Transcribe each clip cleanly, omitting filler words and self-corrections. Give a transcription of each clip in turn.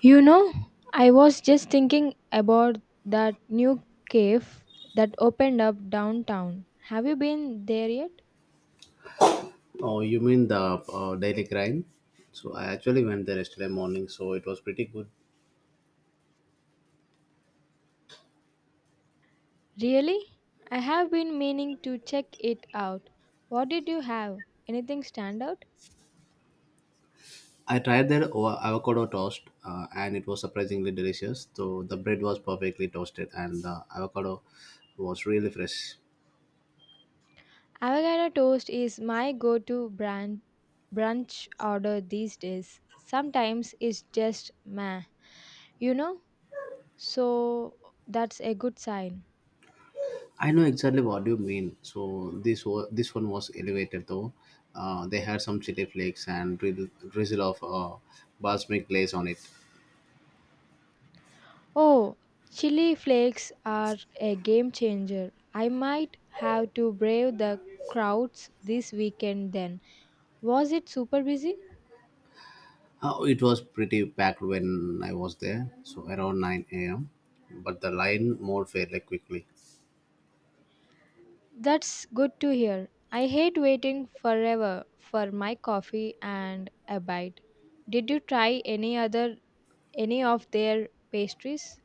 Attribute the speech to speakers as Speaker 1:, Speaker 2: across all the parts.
Speaker 1: You know, I was just thinking about that new cave that opened up downtown. Have you been there yet?
Speaker 2: Oh, you mean the daily grind? So I actually went there yesterday morning, so it was pretty good.
Speaker 1: Really? I have been meaning to check it out. What did you have? Anything stand out?
Speaker 2: I tried their avocado toast, and it was surprisingly delicious. So the bread was perfectly toasted, and the avocado was really fresh.
Speaker 1: Avocado toast is my go to brunch order these days. Sometimes it's just meh, you know? So that's a good sign.
Speaker 2: I know exactly what you mean. So this one was elevated though. They had some chili flakes and drizzle of balsamic glaze on it.
Speaker 1: Oh, chili flakes are a game changer. I might have to brave the crowds this weekend then. Was it super busy?
Speaker 2: It was pretty packed when I was there, so around 9 a.m. But the line moved fairly quickly.
Speaker 1: That's good to hear. I hate waiting forever for my coffee and a bite. Did you try any of their pastries?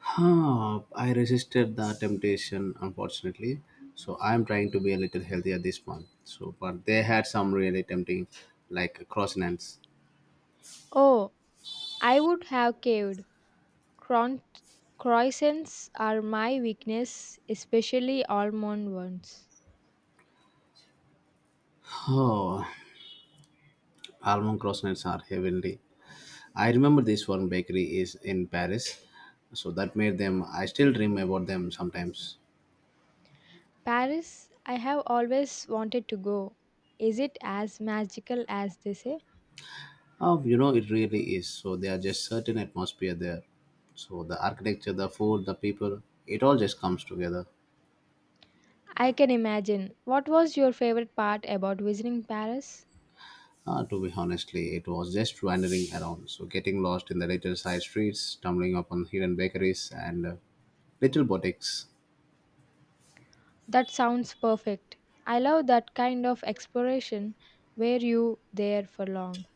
Speaker 2: I resisted the temptation, unfortunately. So I'm trying to be a little healthier this month. So, but they had some really tempting, like croissants.
Speaker 1: Oh, I would have caved. Cron- croissants are my weakness, especially almond ones.
Speaker 2: Oh, almond croissants are heavenly. I remember this one bakery is in Paris, so that made them. I still dream about them sometimes.
Speaker 1: Paris, I have always wanted to go. Is it as magical as they say?
Speaker 2: Oh, you know, it really is. So there are just certain atmosphere there. So the architecture, the food, the people, it all just comes together.
Speaker 1: I can imagine. What was your favorite part about visiting Paris?
Speaker 2: To be honestly, it was just wandering around. So getting lost in the little side streets, stumbling upon hidden bakeries and little boutiques.
Speaker 1: That sounds perfect. I love that kind of exploration. Were you there for long?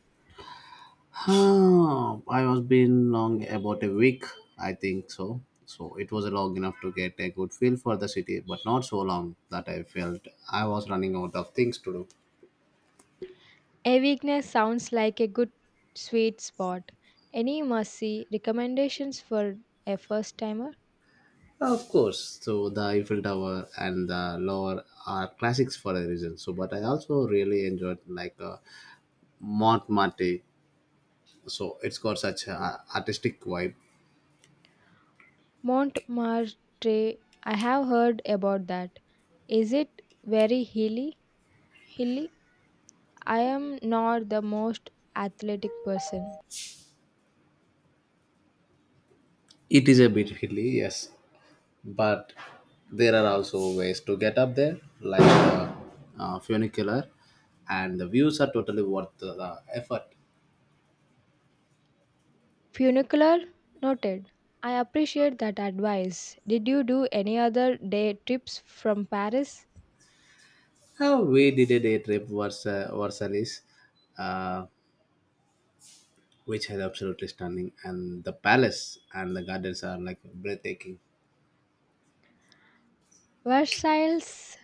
Speaker 2: Oh, I was been long about a week, I think so. So it was long enough to get a good feel for the city, but not so long that I felt I was running out of things to do.
Speaker 1: A weakness sounds like a good sweet spot. Any must see recommendations for a first timer?
Speaker 2: Of course, so the Eiffel Tower and the Louvre are classics for a reason. So, but I also really enjoyed like Montmartre. So it's got such a artistic vibe.
Speaker 1: Montmartre, I have heard about that. Is it very hilly? Hilly? I am not the most athletic person.
Speaker 2: It is a bit hilly, yes, but there are also ways to get up there, like funicular, and the views are totally worth the effort.
Speaker 1: Funicular? Noted. I appreciate that advice. Did you do any other day trips from Paris?
Speaker 2: How we did a day trip versus Versailles. Uh, which is absolutely stunning and the palace and the gardens are like breathtaking.
Speaker 1: Versailles?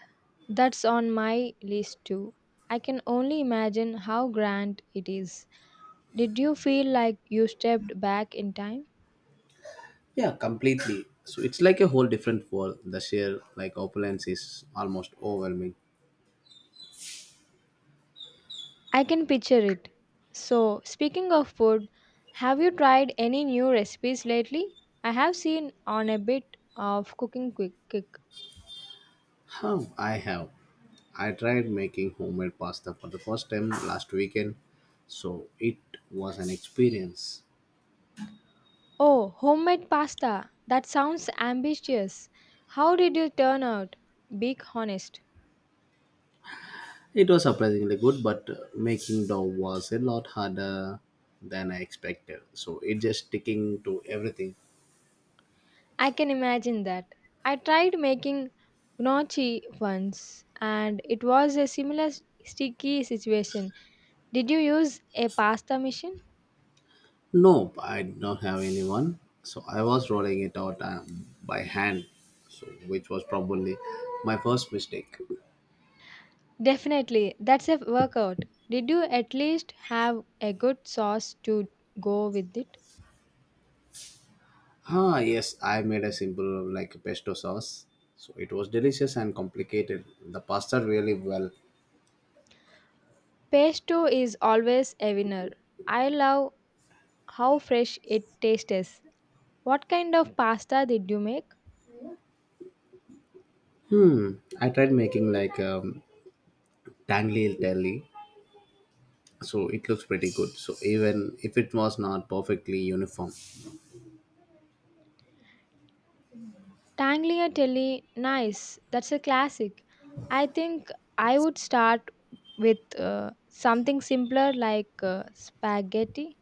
Speaker 1: That's on my list too. I can only imagine how grand it is. Did you feel like you stepped back in time?
Speaker 2: Yeah, completely, so it's like a whole different world. The sheer like opulence is almost overwhelming.
Speaker 1: I can picture it. So, speaking of food, have you tried any new recipes lately? I have seen on a bit of cooking quick kick.
Speaker 2: How I have I tried making homemade pasta for the first time last weekend, so it was an experience.
Speaker 1: Oh, homemade pasta. That sounds ambitious. How did you turn out? Be honest.
Speaker 2: It was surprisingly good, but making dough was a lot harder than I expected, so it just sticking to everything.
Speaker 1: I can imagine that. I tried making gnocchi once and it was a similar sticky situation. Did you use a pasta machine?
Speaker 2: Nope, I did not have anyone. So I was rolling it out by hand, so which was probably my first mistake.
Speaker 1: Definitely. That's a workout. Did you at least have a good sauce to go with it?
Speaker 2: Ah, yes, I made a simple like pesto sauce. So it was delicious and complicated. The pasta really well.
Speaker 1: Pesto is always a winner. I love how fresh it tastes. What kind of pasta did you make?
Speaker 2: I tried making like tangly telly. So it looks pretty good. So even if it was not perfectly uniform.
Speaker 1: Tagliatelle, nice. That's a classic. I think I would start with something simpler like spaghetti.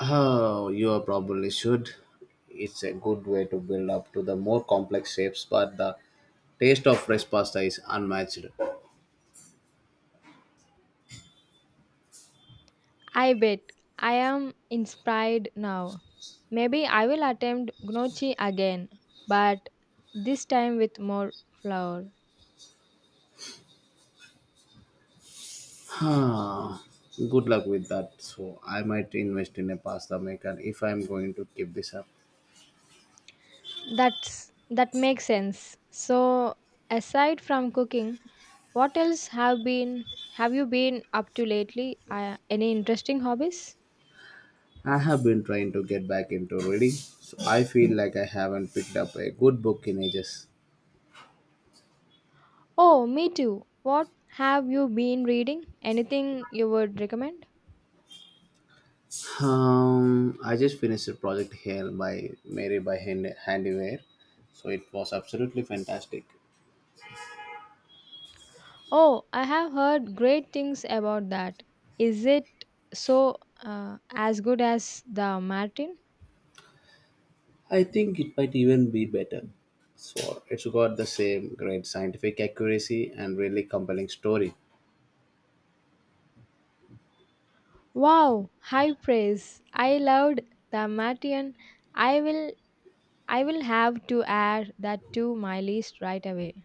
Speaker 2: Oh, you probably should. It's a good way to build up to the more complex shapes, but the taste of fresh pasta is unmatched.
Speaker 1: I bet I am inspired now. Maybe I will attempt gnocchi again, but this time with more flour.
Speaker 2: Ah, good luck with that. So, I might invest in a pasta maker if I'm going to keep this up.
Speaker 1: That makes sense. So, aside from cooking, what else have you been up to lately? Any interesting hobbies?
Speaker 2: I have been trying to get back into reading, so I feel like I haven't picked up a good book in ages.
Speaker 1: Oh, me too. What have you been reading? Anything you would recommend?
Speaker 2: I just finished a project here by Handyware, so it was absolutely fantastic.
Speaker 1: Oh, I have heard great things about that. Is it so as good as the Martin?
Speaker 2: I think it might even be better. So it's got the same great scientific accuracy and really compelling story.
Speaker 1: Wow, high praise. I loved the Martian. I will I will have to add that to my list right away.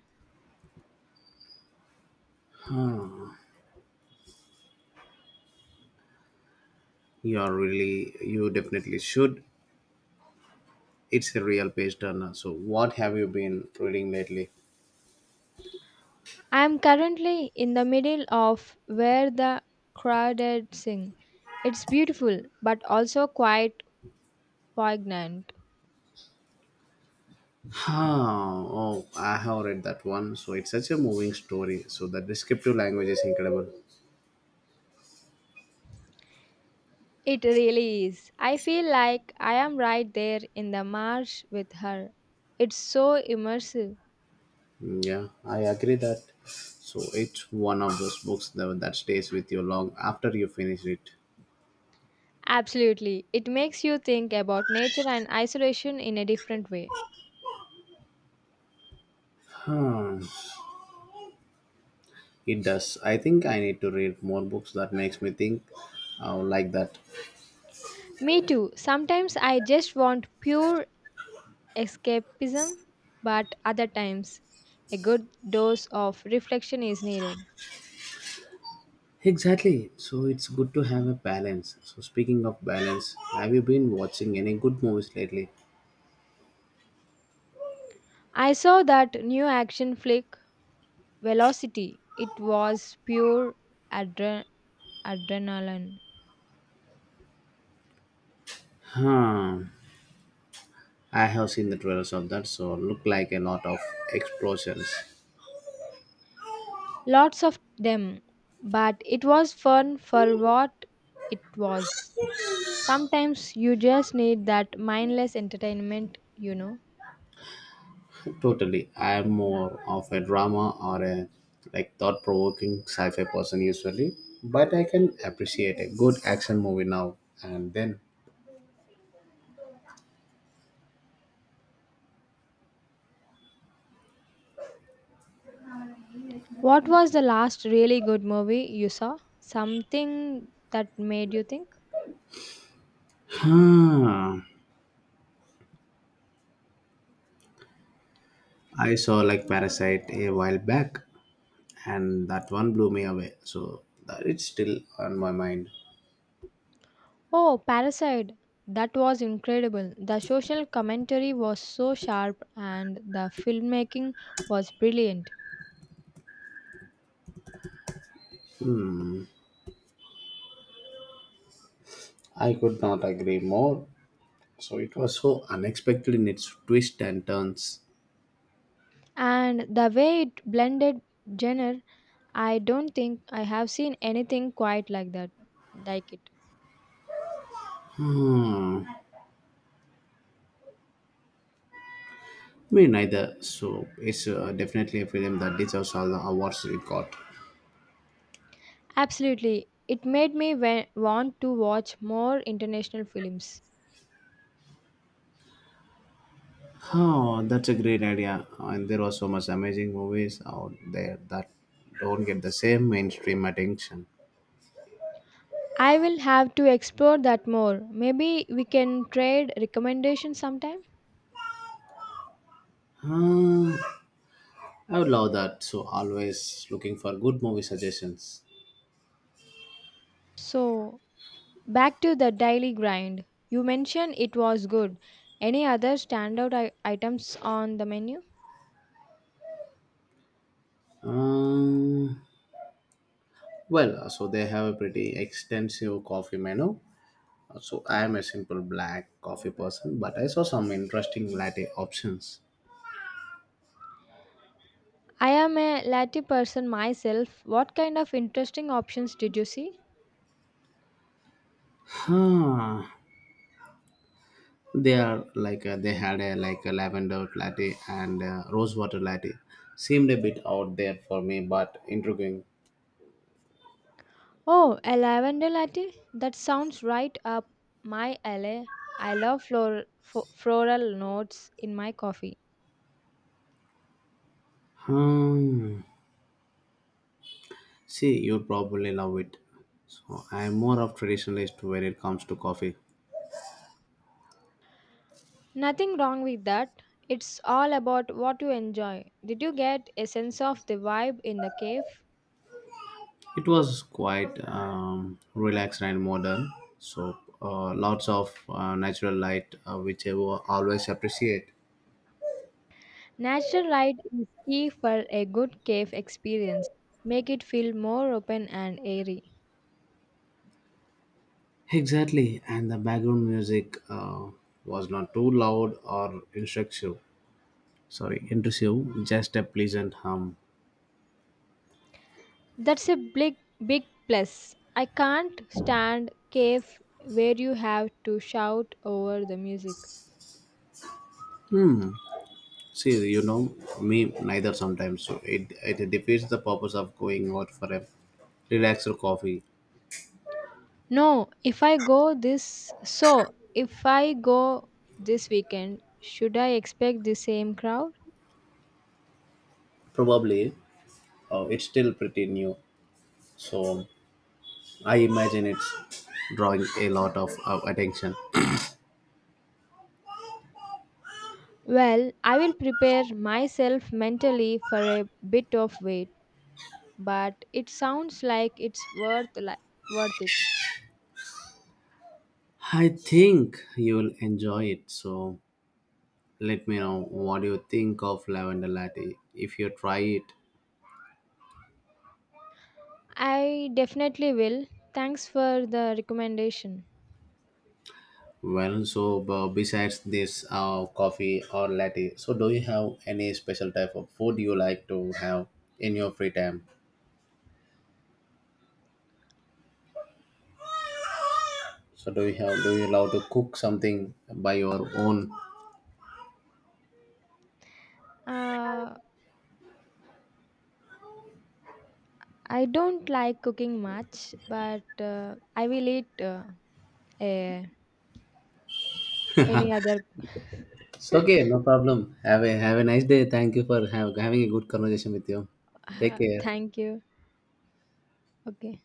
Speaker 2: You definitely should. It's a real page turner. So what have you been reading lately?
Speaker 1: I am currently in the middle of Where the Crawdads Sing. It's beautiful, but also quite poignant.
Speaker 2: Huh. Oh, I have read that one. So it's such a moving story. So the descriptive language is incredible.
Speaker 1: It really is. I feel like I am right there in the marsh with her. It's so immersive.
Speaker 2: Mm, yeah, I agree that. So it's one of those books that stays with you long after you finish it.
Speaker 1: Absolutely. It makes you think about nature and isolation in a different way.
Speaker 2: Huh. It does. I think I need to read more books that makes me think like that.
Speaker 1: Me too. Sometimes I just want pure escapism, but other times a good dose of reflection is needed.
Speaker 2: Exactly. So it's good to have a balance. So speaking of balance, have you been watching any good movies lately?
Speaker 1: I saw that new action flick, Velocity. It was pure adre- adrenaline.
Speaker 2: Huh. I have seen the trailers of that, so look like a lot of explosions.
Speaker 1: Lots of them, but it was fun for what it was. Sometimes you just need that mindless entertainment, you know.
Speaker 2: Totally. I am more of a drama or a like thought provoking sci-fi person usually. But I can appreciate a good action movie now and then.
Speaker 1: What was the last really good movie you saw? Something that made you think?
Speaker 2: Huh. I saw like Parasite a while back, and that one blew me away. So that it's still on my mind.
Speaker 1: Oh, Parasite! That was incredible. The social commentary was so sharp, and the filmmaking was brilliant.
Speaker 2: I could not agree more. So it was so unexpected in its twists and turns.
Speaker 1: And the way it blended genre, I don't think I have seen anything quite like that. Like it.
Speaker 2: Me neither. So it's definitely a film that deserves all the awards it got.
Speaker 1: Absolutely. It made me want to watch more international films.
Speaker 2: Oh, that's a great idea. And there are so much amazing movies out there that don't get the same mainstream attention.
Speaker 1: I will have to explore that more. Maybe we can trade recommendations sometime.
Speaker 2: Uh, I would love that. So always looking for good movie suggestions.
Speaker 1: So, back to the daily grind. You mentioned it was good. Any other standout items on the menu?
Speaker 2: Um, so they have a pretty extensive coffee menu. So I am a simple black coffee person, but I saw some interesting latte options.
Speaker 1: I am a latte person myself. What kind of interesting options did you see?
Speaker 2: Huh. They are like they had a like a lavender latte and rose water latte. Seemed a bit out there for me, but intriguing.
Speaker 1: Oh, a lavender latte? That sounds right up my alley. I love floral notes in my coffee.
Speaker 2: Hmm. See, you'd probably love it. So I'm more of traditionalist when it comes to coffee.
Speaker 1: Nothing wrong with that. It's all about what you enjoy. Did you get a sense of the vibe in the cave?
Speaker 2: It was quite relaxed and modern, so lots of natural light, which I will always appreciate.
Speaker 1: Natural light is key for a good cave experience. Make it feel more open and airy.
Speaker 2: Exactly, and the background music was not too loud or instructive. Sorry, intrusive, just a pleasant hum.
Speaker 1: That's a big plus. I can't stand cave where you have to shout over the music.
Speaker 2: See, you know, me neither sometimes. So it defeats the purpose of going out for a relaxed coffee.
Speaker 1: No, if I go this so if I go this weekend, should I expect the same crowd?
Speaker 2: Probably, it's still pretty new, so I imagine it's drawing a lot of attention.
Speaker 1: Well, I will prepare myself mentally for a bit of wait, but it sounds like it's worth it.
Speaker 2: I think you'll enjoy it. So let me know what you think of lavender latte if you try it.
Speaker 1: I definitely will. Thanks for the recommendation.
Speaker 2: Well, so besides this coffee or latte, so do you have any special type of food you like to have in your free time? So do you love to cook something by your own?
Speaker 1: Uh, I don't like cooking much, but I will eat eh, any other.
Speaker 2: It's okay, no problem. Have a nice day. Thank you for having a good conversation with you. Take care.
Speaker 1: Thank you. Okay.